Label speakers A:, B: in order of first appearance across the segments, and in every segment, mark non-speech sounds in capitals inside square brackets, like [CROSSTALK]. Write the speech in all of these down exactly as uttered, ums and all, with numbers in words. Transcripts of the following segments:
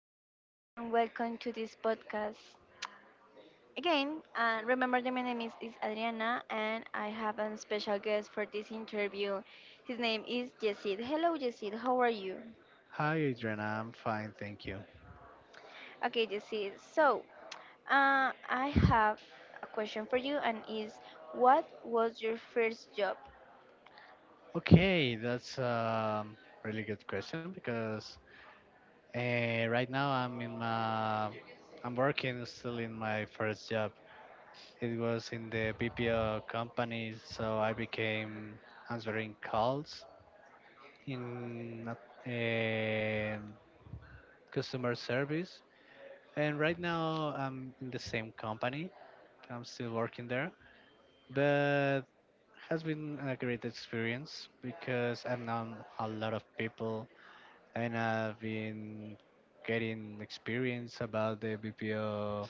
A: Hello and welcome to this podcast. Again, uh, remember that my name is, is Adriana and I have a special guest for this interview. His name is Yesid. Hello, Yesid. How are you?
B: Hi, Adriana. I'm fine, thank you.
A: Okay, Yesid. So, uh, I have a question for you and is what was your first job?
B: Okay, that's a really good question because uh, right now I'm in my I'm working still in my first job. It was in the B P O company, so I became answering calls in uh, customer service. And right now I'm in the same company. I'm still working there, but has been a great experience because I've known a lot of people and I've been getting experience about the B P O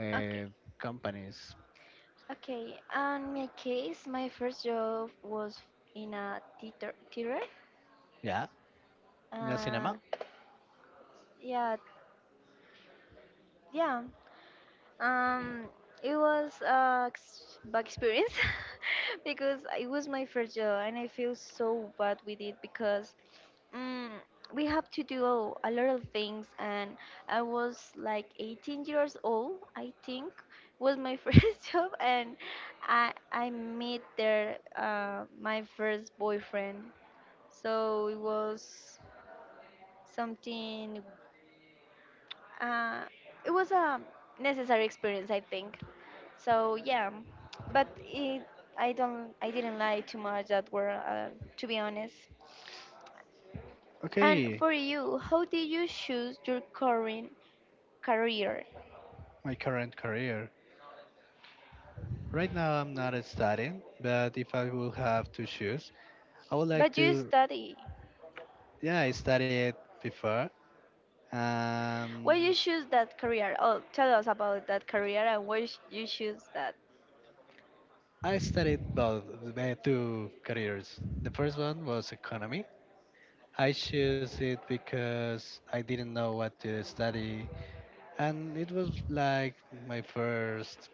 B: uh,
A: Okay.
B: companies.
A: Okay. On my case, my first job was in a theater. theater.
B: Yeah, in the
A: Uh,
B: cinema.
A: yeah, yeah. Um, it was a ex- bad experience [LAUGHS] because it was my first job and I feel so bad with it because mm, we have to do a lot of things and I was like eighteen years old, I think, was my [LAUGHS] first job and I I met there uh, my first boyfriend. So it was something uh, it was a necessary experience, I think. So yeah, but it, I don't I didn't like too much that word uh, to be honest. And
B: Okay,
A: for you, how did you choose your current career?
B: my current career. Right now, I'm not studying, but if I would have to choose, I would like
A: But you
B: to.
A: study.
B: Yeah, I studied before. Um,
A: Why you choose that career? Oh, tell us about that career and why sh- you choose that.
B: I studied both uh, two careers. The first one was economy. I choose it because I didn't know what to study, and it was like my first,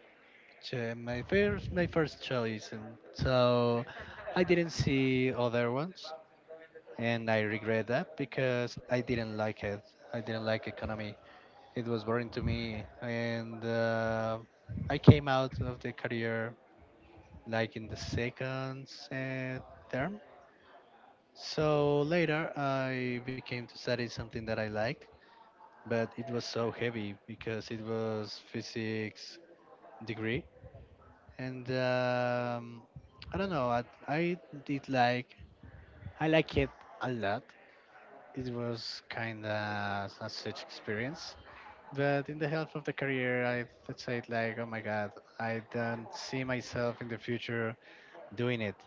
B: cho- my first, my first choice, and so I didn't see other ones, and I regret that because I didn't like it. I didn't like economy. It was boring to me, and uh, I came out of the career like in the second uh, term. So later, I became to study something that I liked, but it was so heavy because it was physics degree, and um, I don't know. I, I did like I like it a lot. It was kind of a such experience, but in the health of the career, I would say it like, oh my god, I don't see myself in the future doing it,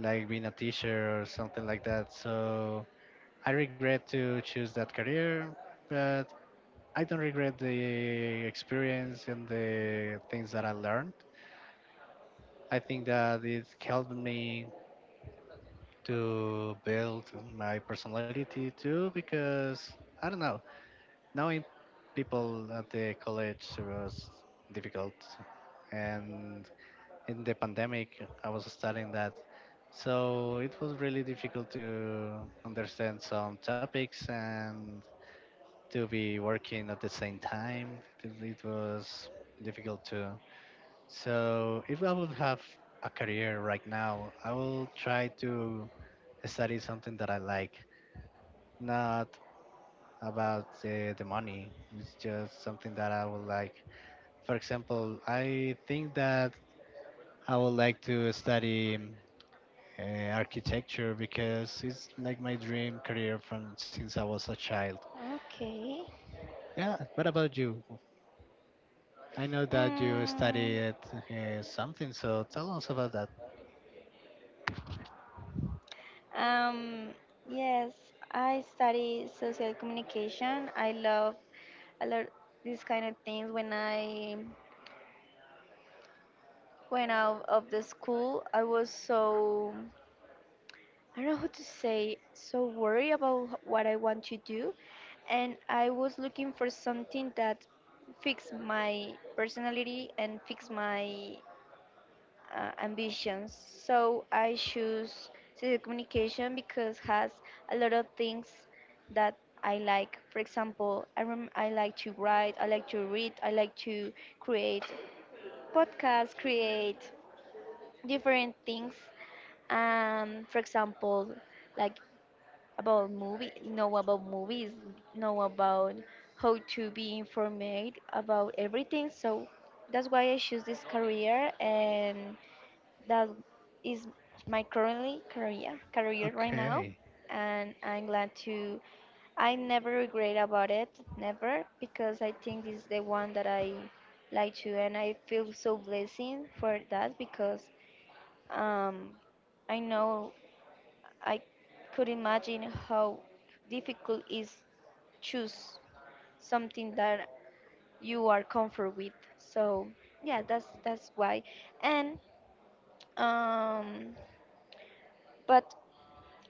B: like being a teacher or something like that. So I regret to choose that career, but I don't regret the experience and the things that I learned. I think that it helped me to build my personality too, because I don't know, knowing people at the college was difficult. And in the pandemic, I was studying that. So it was really difficult to understand some topics and to be working at the same time. It it was difficult to. So if I would have a career right now, I will try to study something that I like, not about the, the money. It's just something that I would like. For example, I think that I would like to study uh, architecture because it's like my dream career from since I was a child.
A: Okay.
B: Yeah, what about you? I know that you
A: Mm,
B: studied uh, something, so tell us about that.
A: um. Yes, I study social communication. I love a lot these kind of things when I when out of the school, I was so, I don't know how to say, so worried about h- what I want to do. And I was looking for something that fixed my personality and fixed my uh, ambitions. So I choose social communication because has a lot of things that I like. For example, I, rem- I like to write, I like to read, I like to create podcasts, create different things um for example like about movie know about movies, know about how to be informed about everything. So that's why I choose this career and that is my currently career career right now,
B: Okay.
A: and I'm glad to. I never regret about it, never, because I think this is the one that I like to and I feel so blessing for that because um I know I could imagine how difficult is choose something that you are comfort with. So yeah, that's that's why. And um, but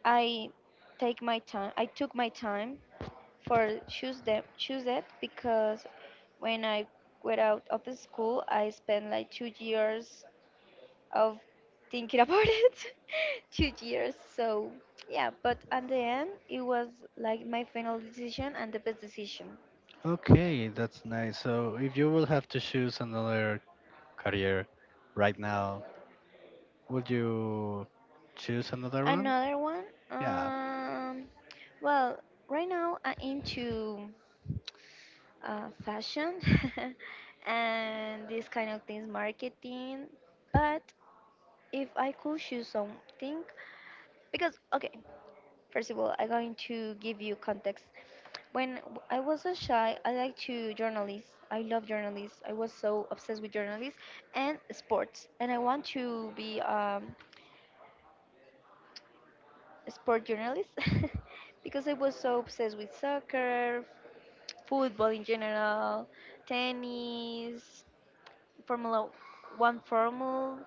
A: I take my time. I took my time for choose them choose it because when I went out of the school, I spent like two years of thinking about it [LAUGHS] two years. So yeah, but at the end it was like my final decision and the best decision.
B: Okay, that's nice. So, if you will have to choose another career right now, would you choose another one?
A: Another one.
B: Yeah.
A: um well, right now I'm into uh, fashion [LAUGHS] and these kind of things, marketing. But if I could choose something, because okay, first of all I'm going to give you context. When w- I was so shy, I liked to journalists. I love journalists. I was so obsessed with journalists and sports. And I want to be um, a sport journalist [LAUGHS] because I was so obsessed with soccer, football in general, tennis, Formula One, Formula.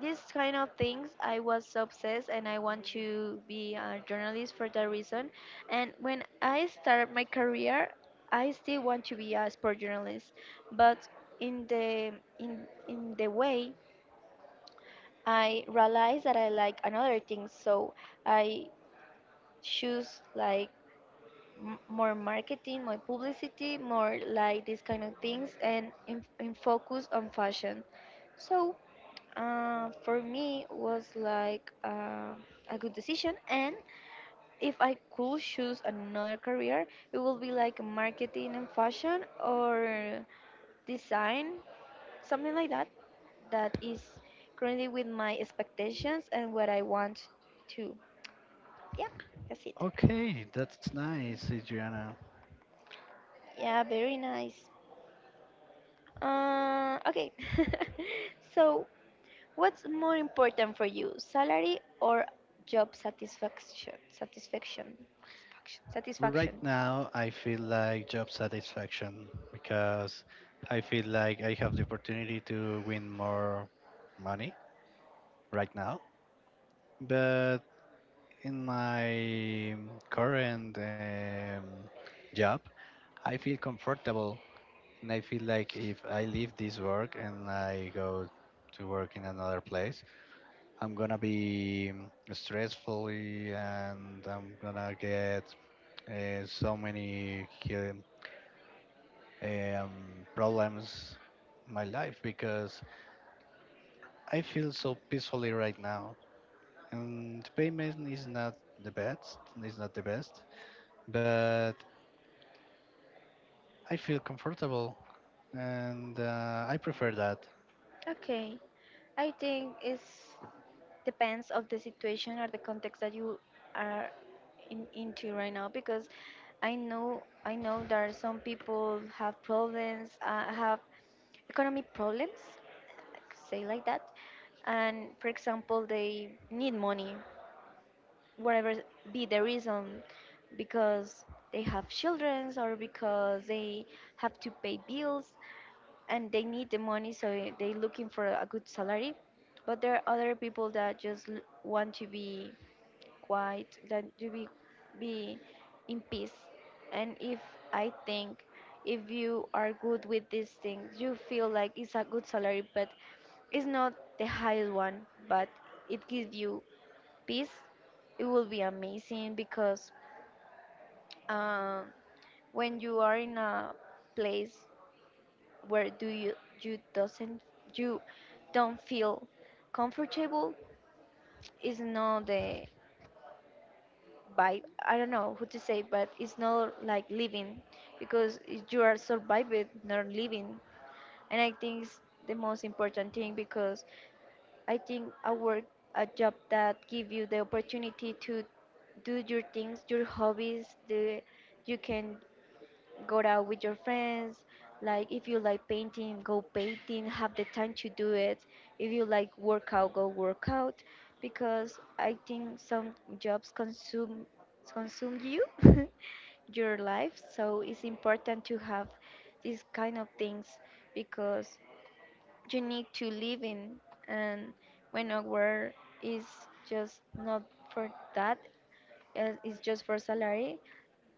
A: These kind of things, I was so obsessed and I want to be a journalist for that reason. And when I start my career, I still want to be a sport journalist, but in the in in the way I realize that I like another thing, so I choose like m- more marketing, more publicity, more like these kind of things, and in, in focus on fashion. So uh, for me was like uh, a good decision. And if I could choose another career, it would be like marketing and fashion or design, something like that, that is currently with my expectations and what I want to. Yeah, that's it.
B: Okay, that's nice, Adriana.
A: Yeah, very nice. Uh, okay. [LAUGHS] So what's more important for you, salary or job satisfaction? Satisfaction. Satisfaction.
B: Right
A: Satisfaction.
B: now, I feel like job satisfaction because I feel like I have the opportunity to win more money right now. But in my current um, job, I feel comfortable. And I feel like if I leave this work and I go to work in another place, I'm gonna be mm, stressfully and I'm gonna get uh, so many hu- um, problems in my life because I feel so peacefully right now. And the payment is not the best, is not the best, but I feel comfortable and uh, I prefer that.
A: Okay. I think it depends of the situation or the context that you are in, into right now because I know I know there are some people have problems, uh, have economic problems, I could say like that, and for example they need money whatever be the reason because they have children or because they have to pay bills and they need the money, so they're looking for a good salary. But there are other people that just l- want to be quiet, that to be be in peace. And if I think if you are good with these things, you feel like it's a good salary but it's not the highest one, but it gives you peace, it will be amazing. Because um, when you are in a place where do you you doesn't you don't feel comfortable, is not the vibe. I don't know who to say, but it's not like living because you are surviving, not living, and I think it's the most important thing. Because I think a work, a job that give you the opportunity to do your things, your hobbies. The you can go out with your friends. Like if you like painting, go painting. Have the time to do it. If you like workout, go workout. Because I think some jobs consume consume you, [LAUGHS] your life. So it's important to have these kind of things because you need to live in. And when a work is just not for that, uh, it's just for salary,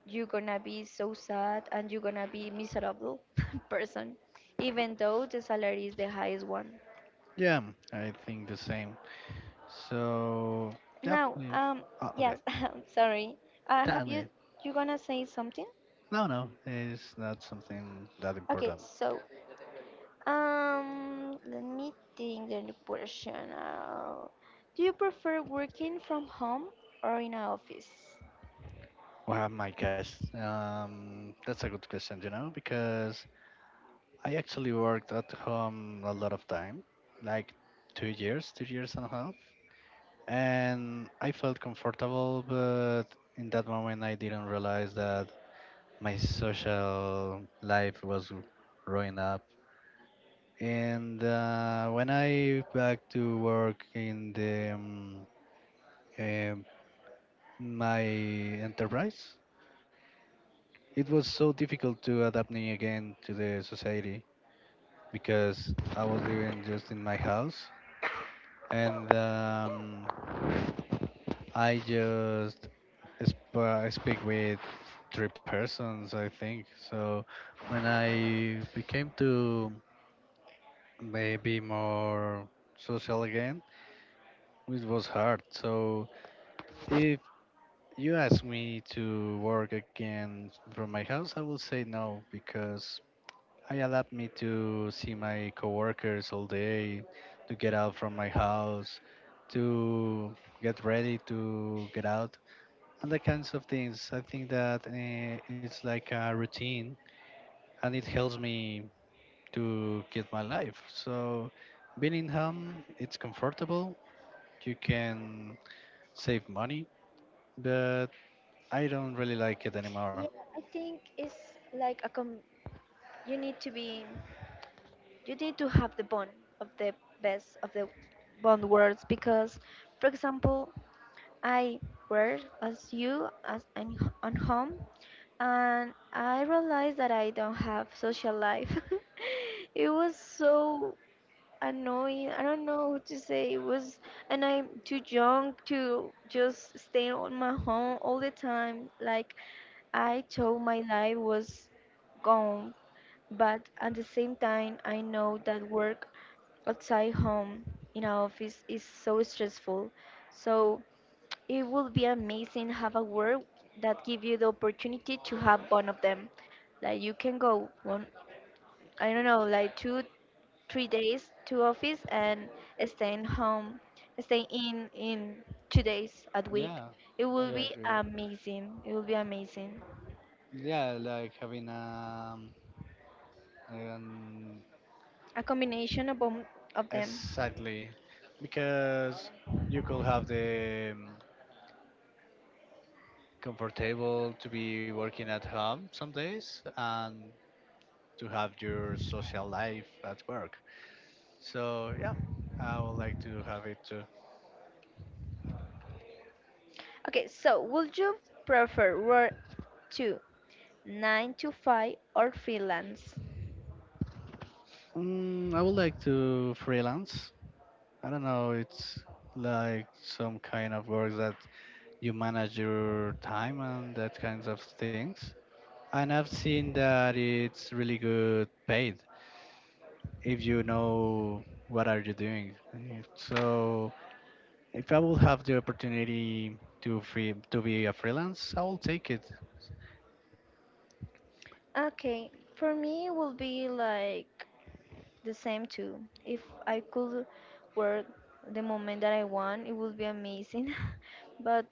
A: you're gonna be so sad and you're gonna be miserable [LAUGHS] person, even though the salary is the highest one.
B: Yeah, I think the same. So, yep.
A: Now
B: If,
A: um
B: Oh, okay.
A: yes, [LAUGHS] I'm sorry. Uh, have
B: That
A: you
B: may-.
A: you gonna say something?
B: No, no, it's not something that
A: Okay,
B: important.
A: so um let me think the question. Uh, do you prefer working from home or in an office?
B: Well, my gosh, um, that's a good question, you know, because I actually worked at home a lot of time, like two years, two years and a half, and I felt comfortable, but in that moment I didn't realize that my social life was ruined up. And uh, when I back to work in the um, um, my enterprise, it was so difficult to adapt me again to the society because I was living just in my house, and um, I just sp- speak with three persons, I think. So when I became to maybe more social again, it was hard. So if You ask me to work again from my house, I will say no because I allowed me to see my coworkers all day, to get out from my house, to get ready to get out, and that kinds of things. I think that uh, it's like a routine and it helps me to get my life. So being in home, it's comfortable. You can save money, but I don't really like it anymore.
A: Yeah, I think it's like a com- you need to be you need to have the bond of the best of the bond words. Because for example, I were as you as and on home and I realized that I don't have social life. [LAUGHS] It was so annoying. I don't know what to say. It was, and I'm too young to just stay on my home all the time. Like I thought my life was gone, but at the same time, I know that work outside home in our office is so stressful. So it would be amazing have a work that give you the opportunity to have one of them. Like you can go one, I don't know, like two three days to office and staying home, staying in in two days at week.
B: Yeah,
A: It
B: I
A: will be
B: agree.
A: amazing. It will be amazing.
B: Yeah, like having um, um
A: A combination of bom- of them.
B: exactly, because you could have the um, comfortable to be working at home some days and to have your social life at work. So yeah, I would like to have it too.
A: Okay, so would you prefer work to nine to five or freelance?
B: Mm, I would like to freelance. I don't know. It's like some kind of work that you manage your time and that kinds of things. And I've seen that it's really good paid if you know what are you doing. Uh, So if I will have the opportunity to free to be a freelance, I will take it.
A: Okay, for me it will be like the same too. If I could work the moment that I want, it would be amazing. [LAUGHS] But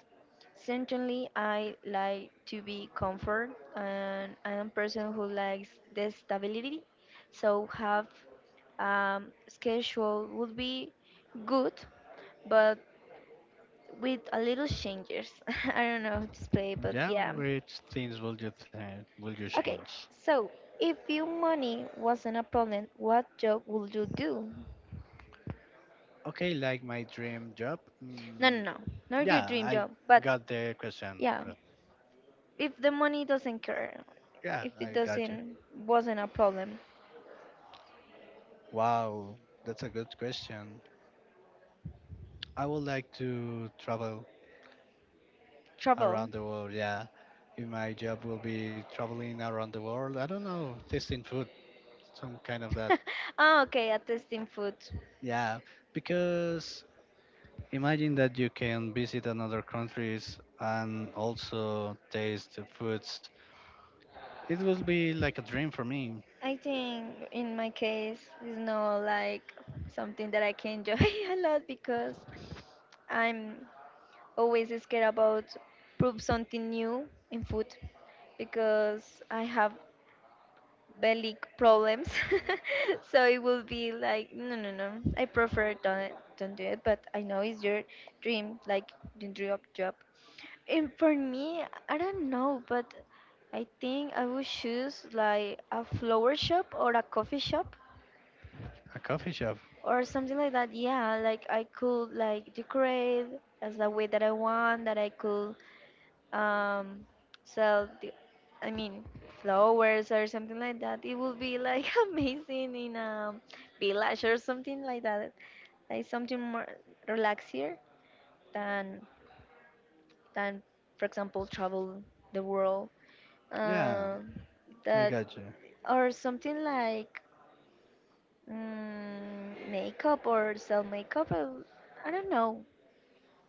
A: certainly, I like to be comfort, and I'm a person who likes the stability. So have um, schedule would be good, but with a little changes. [LAUGHS] I don't know how to explain, but
B: Yeah,
A: yeah.
B: which things will you th- will you
A: Okay,
B: change?
A: so if your money wasn't a problem, what job would you do?
B: Okay, like my dream job.
A: No, no,
B: Mm,
A: no, not your
B: yeah,
A: dream
B: I
A: job, but
B: got the question.
A: yeah,
B: But
A: if the money doesn't care,
B: Yeah,
A: if
B: I
A: it
B: got you.
A: doesn't wasn't a problem,
B: Wow, that's a good question. I would like to travel
A: travel.
B: around the world. Yeah, if my job will be traveling around the world, I don't know, tasting food, some kind of that.
A: [LAUGHS] Ah, okay, at testing food.
B: Yeah, because imagine that you can visit another countries and also taste the foods. It will be like a dream for me.
A: I think in my case it's not like something that I can enjoy [LAUGHS] a lot because I'm always scared about prove something new in food because I have belly problems. [LAUGHS] So it will be like, no, no, no. I prefer don't don't do it. But I know it's your dream, like the dream of job. And for me, I don't know, but I think I would choose like a flower shop or a coffee shop
B: A coffee shop.
A: or something like that. Yeah, like I could like decorate as the way that I want. That I could um sell the, I mean flowers or something like that, it would be like [LAUGHS] amazing in a village or something like that, like something more relaxier than than for example travel the world.
B: Yeah,
A: um
B: I
A: that
B: got you.
A: or something like mm, makeup or sell makeup or, I don't know,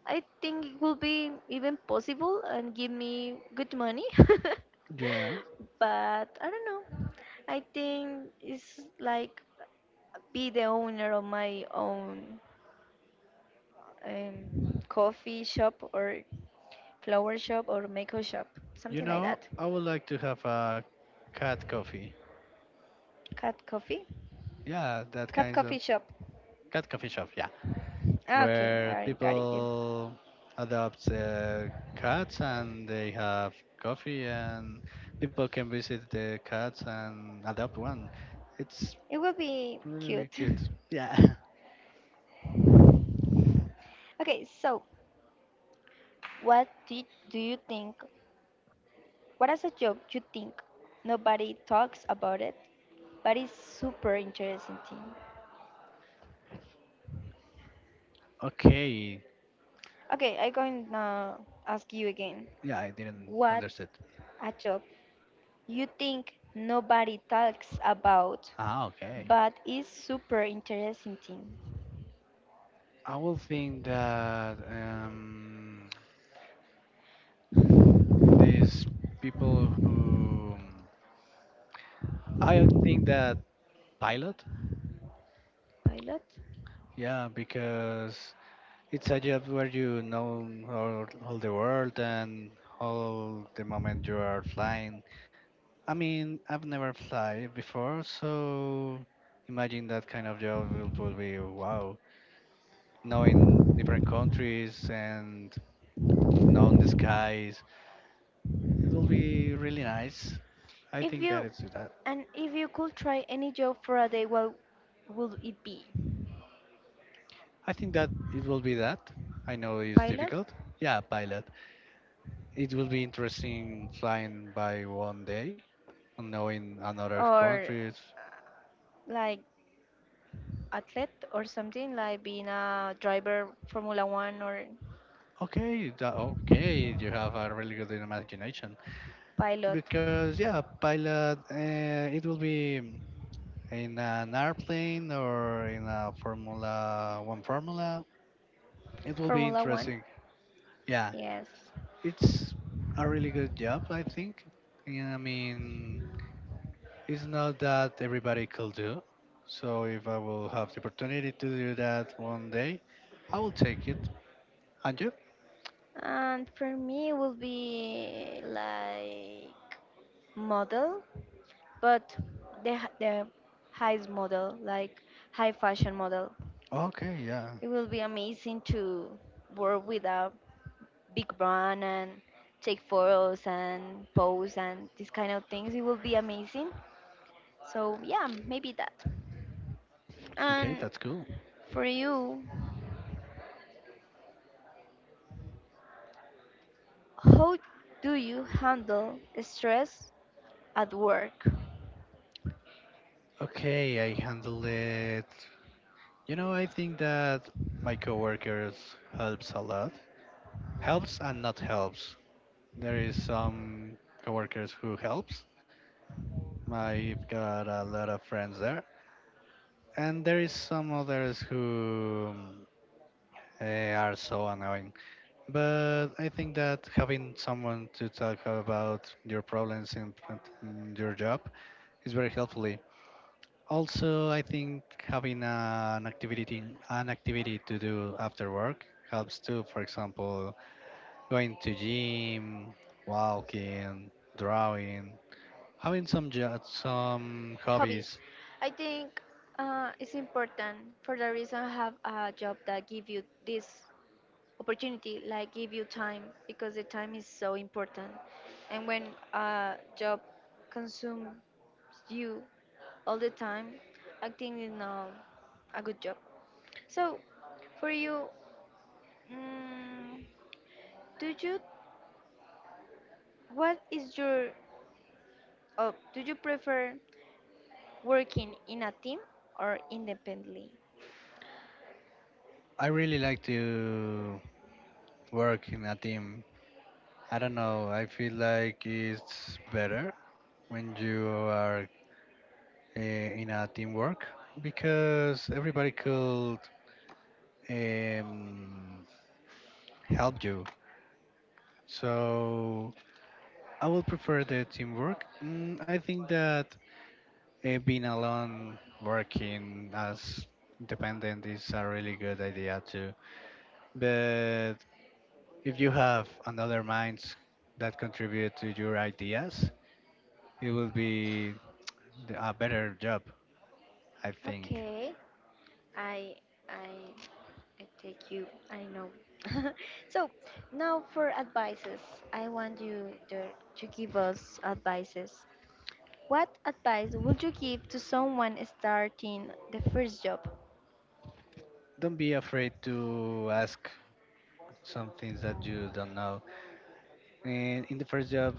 A: I think it will be even possible and give me good money. [LAUGHS]
B: Yeah,
A: But I don't know. I think it's like be the owner of my own um, coffee shop or flower shop or makeup shop,
B: you
A: something like
B: know,
A: that.
B: I would like to have a cat coffee.
A: Cat coffee?
B: Yeah, that
A: Cat
B: kinds
A: coffee
B: of
A: shop.
B: cat coffee shop. Yeah.
A: Ah, okay,
B: Where
A: I got it. You.
B: people adopt uh, cats and they have coffee and people can visit the cats and adopt one. It's
A: It will be
B: really
A: cute.
B: cute. Yeah. [LAUGHS]
A: [LAUGHS] Okay, so what do you, do you think what is a job you think nobody talks about it, but it's super interesting thing.
B: Okay.
A: Okay, I'm going to ask you again.
B: Yeah, I didn't
A: What
B: understand.
A: a job you think nobody talks about,
B: Ah, okay.
A: but is super interesting thing.
B: I will think that um, these people who I think that pilot.
A: Pilot.
B: Yeah, because it's a job where you know all, all the world and all the moment you are flying. I mean, I've never fly before, so imagine that kind of job will, will be wow. Knowing different countries and knowing the skies, it will be really nice. I
A: If
B: think that
A: you
B: it's that.
A: and if you could try any job for a day, what would it be?
B: I think that it will be that. I know it's
A: Pilot.
B: difficult. Yeah, pilot. It will be interesting flying by one day and knowing another
A: Or
B: countries.
A: uh, like athlete or something like being a driver Formula One or
B: Okay, that, okay, you have a really good imagination.
A: pilot
B: Because yeah, pilot, uh, it will be in an airplane or in a Formula One Formula. It will be
A: Formula One.
B: interesting. Yeah,
A: Yes.
B: it's a really good job, I think. Yeah, I mean, it's not that everybody could do. So if I will have the opportunity to do that one day, I will take it. And you?
A: And for me, it would be like model, but the h- the highest model, like high fashion model.
B: Okay, yeah.
A: It will be amazing to work with a big brand and take photos and pose and these kind of things. It will be amazing. So yeah, maybe that.
B: Okay,
A: And
B: that's cool.
A: for you, how do you handle stress at work?
B: Okay, I handled it. You know, I think that my coworkers helps a lot. Helps and not helps. There is some coworkers who helps. I've got a lot of friends there, and there is some others who eh, are so annoying. But I think that having someone to talk about your problems in in your job is very helpfully. Also, I think having an activity an activity to do after work helps too. For example, going to gym, walking, drawing, having some jo- some
A: Hobbies.
B: hobbies.
A: I think uh, it's important for the reason have a job that give you this opportunity, like give you time because the time is so important. And when a job consumes you all the time, I think it's not a good job. So for you, mm, do you what is your oh, do you prefer working in a team or independently?
B: I really like to work in a team. I don't know. I feel like it's better when you are uh, in a teamwork because everybody could um, help you. So I would prefer the teamwork. Mm, I think that. Eh, Being alone, working as independent is a really good idea too. But if you have another minds that contribute to your ideas, it will be the- a better job, I think.
A: Okay. I I I take you. I know. [LAUGHS] so Now for advices, I want you to, to give us advices. What advice would you give to someone starting the first job?
B: Don't be afraid to ask some things that you don't know. In, in the first job,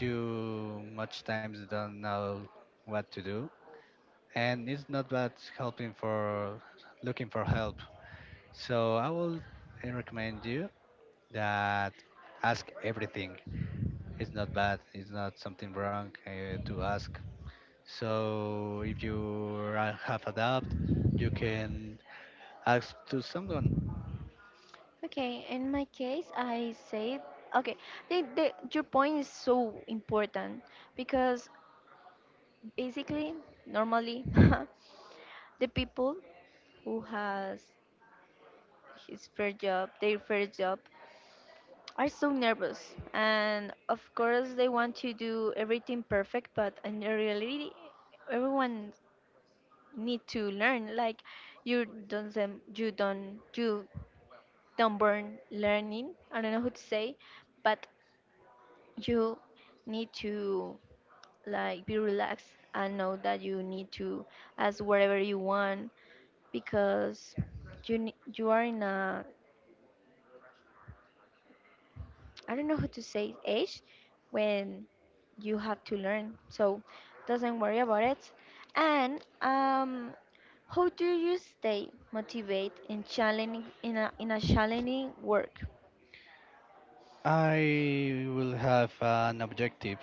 B: you much times don't know what to do, and it's not bad helping for looking for help. So I will uh, recommend you that ask everything. It's not bad. It's not something wrong uh, to ask. So if you are- have a doubt, you can ask to someone.
A: Okay, in my case, I say okay. The, the, your point is so important because basically, normally, [LAUGHS] the people who has his first job, their first job, are so nervous and of course they want to do everything perfect but in reality everyone need to learn like you don't them you don't you don't burn learning, I don't know who to say, but you need to like be relaxed and know that you need to ask whatever you want because you ne- you are in a, I don't know how to say, age when you have to learn. So doesn't worry about it. And um, how do you stay motivated in challenging in a in a challenging work?
B: I will have an objective.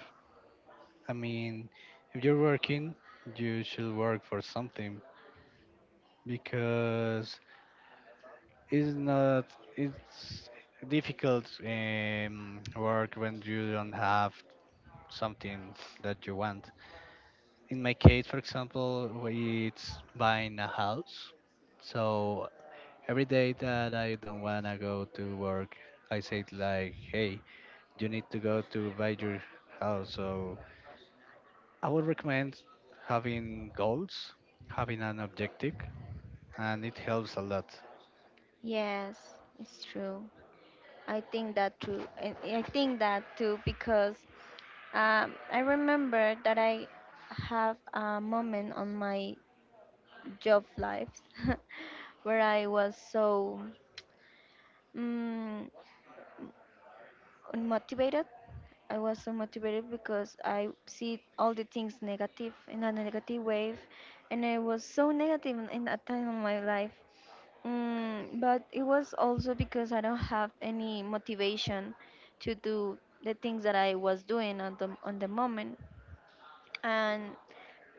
B: I mean, if you're working, you should work for something because it's not it's difficult um, work when you don't have something that you want. In my case, for example, it's buying a house. So every day that I don't wanna go to work, I say like, "Hey, you need to go to buy your house." So I would recommend having goals, having an objective, and it helps a lot.
A: Yes, it's true. I think that true. And I think that too because um, I remember that I have a moment on my job life [LAUGHS] where I was so. mm Unmotivated. I was unmotivated because I see all the things negative in a negative wave, and I was so negative in in that time of my life. Mm, but it was also because I don't have any motivation to do the things that I was doing on the on the moment, and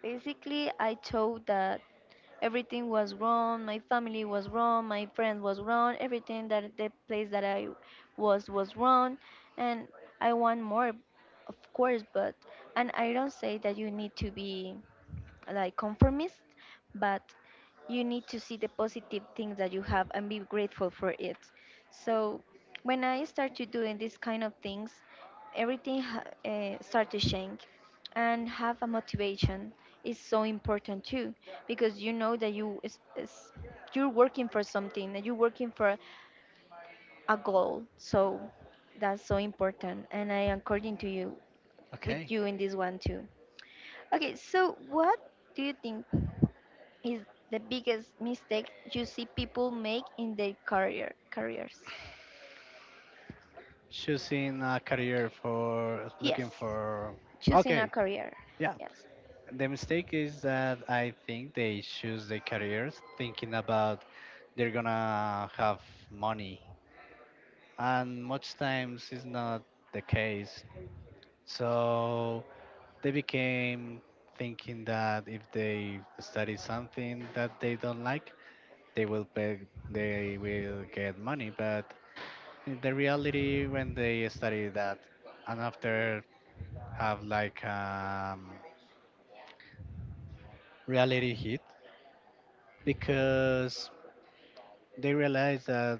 A: basically I thought that everything was wrong. My family was wrong. My friends was wrong. Everything that the place that I was was wrong, and I want more, of course. But and I don't say that you need to be like conformist, but you need to see the positive things that you have and be grateful for it. So when I started doing these kind of things, everything ha- uh, started to change and have a motivation is so important too because you know that you is, is you're working for something that you're working for a goal, so that's so important, and I am according to you with
B: Okay,
A: you in this one too. Okay, so what do you think is the biggest mistake you see people make in their career careers?
B: choosing a career for looking
A: Yes,
B: for.
A: choosing a
B: Okay,
A: career.
B: yeah.
A: Yes.
B: The mistake is that I think they choose their careers thinking about they're gonna have money, and much times is not the case. So they became thinking that if they study something that they don't like, they will pay, they will get money. But in the reality, when they study that, and after have like um, reality hit because they realize that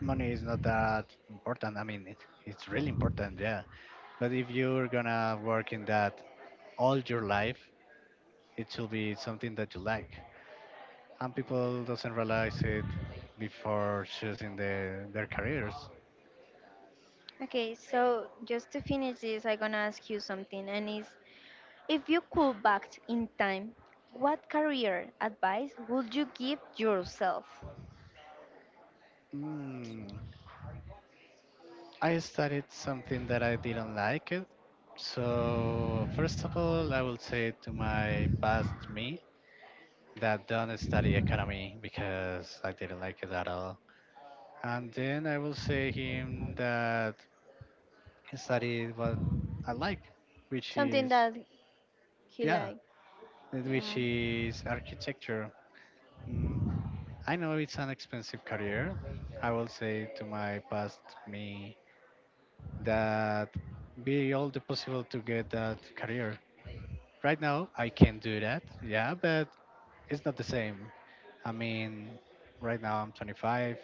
B: money is not that important. I mean, it, it's really important, yeah. But if you're gonna work in that all your life, it should be something that you like. And people doesn't realize it before choosing the, their careers.
A: Okay, so just to finish this, I'm gonna ask you something, and is if you could back in time, what career advice would you give yourself?
B: Mm, I studied something that I didn't like it. So first of all, I will say to my past me that don't study economy because I didn't like it at all. And then I will say him that studied what I like, which
A: Something
B: is,
A: that he
B: yeah,
A: like,
B: which
A: yeah,
B: is architecture. Mm, I know it's an expensive career. I will say to my past me that be all the possible to get that career. Right now, I can do that. Yeah, but it's not the same. I mean, right now I'm twenty-five.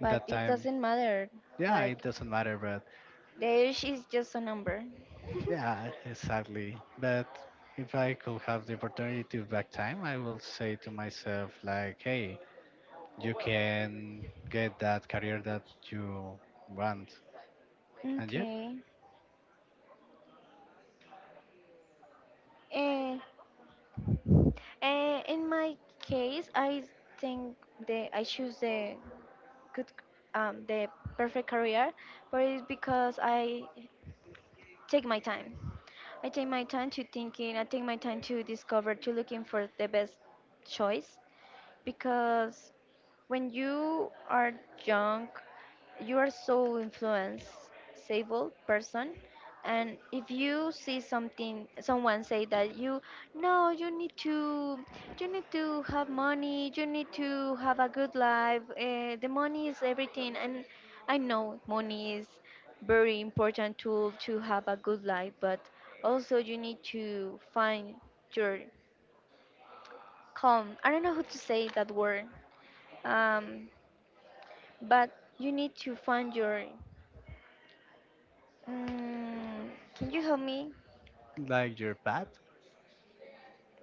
A: but
B: That
A: it
B: time,
A: doesn't matter.
B: yeah, it
A: Like
B: doesn't matter. But
A: the age is just a number.
B: yeah, exactly. But if I could have the opportunity to back time, I will say to myself, like, hey, you can get that career that you want.
A: [LAUGHS]
B: And yep,
A: okay. Eh. Uh, in my case, I think the I choose the good, um, the perfect career, but it's because I take my time. I take my time to thinking. I take my time to discover, to looking for the best choice because when you are young, you are so influenceable person, and if you see something, someone say that you, no, you need to, you need to have money, you need to have a good life. Uh, the money is everything, and I know money is very important tool to have a good life, but also you need to find your calm. I don't know how to say that word. Um, but you need to find your. Mm, can you help me?
B: like your path.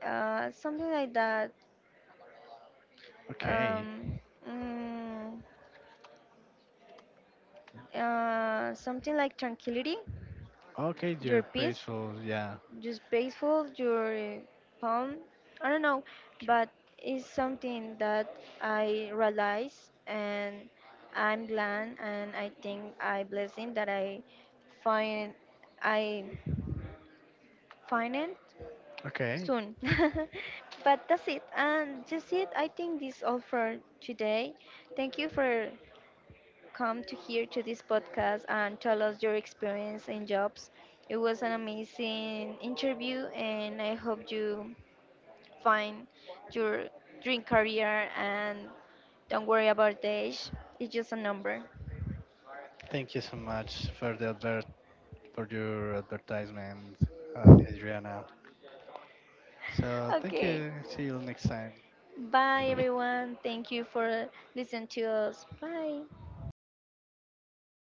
A: Uh, something like that.
B: Okay.
A: Um, mm, uh, Something like tranquility,
B: Okay,
A: your
B: you're
A: peace,
B: peaceful. Yeah.
A: just peaceful, your calm. I don't know,
B: Ju-.
A: but it's something that I realize and I'm glad and I think I blessing that I find I find it
B: Okay.
A: soon. [LAUGHS] but that's it. And that's it. I think this is all for today. Thank you for come to here to this podcast and tell us your experience in jobs. It was an amazing interview, and I hope you find your dream career and don't worry about the age. It's just a number.
B: Thank you so much for the advert for your advertisement, uh, Adriana. So thank
A: Okay.
B: you. See you next time.
A: Bye, everyone. Thank you for listening to us. Bye.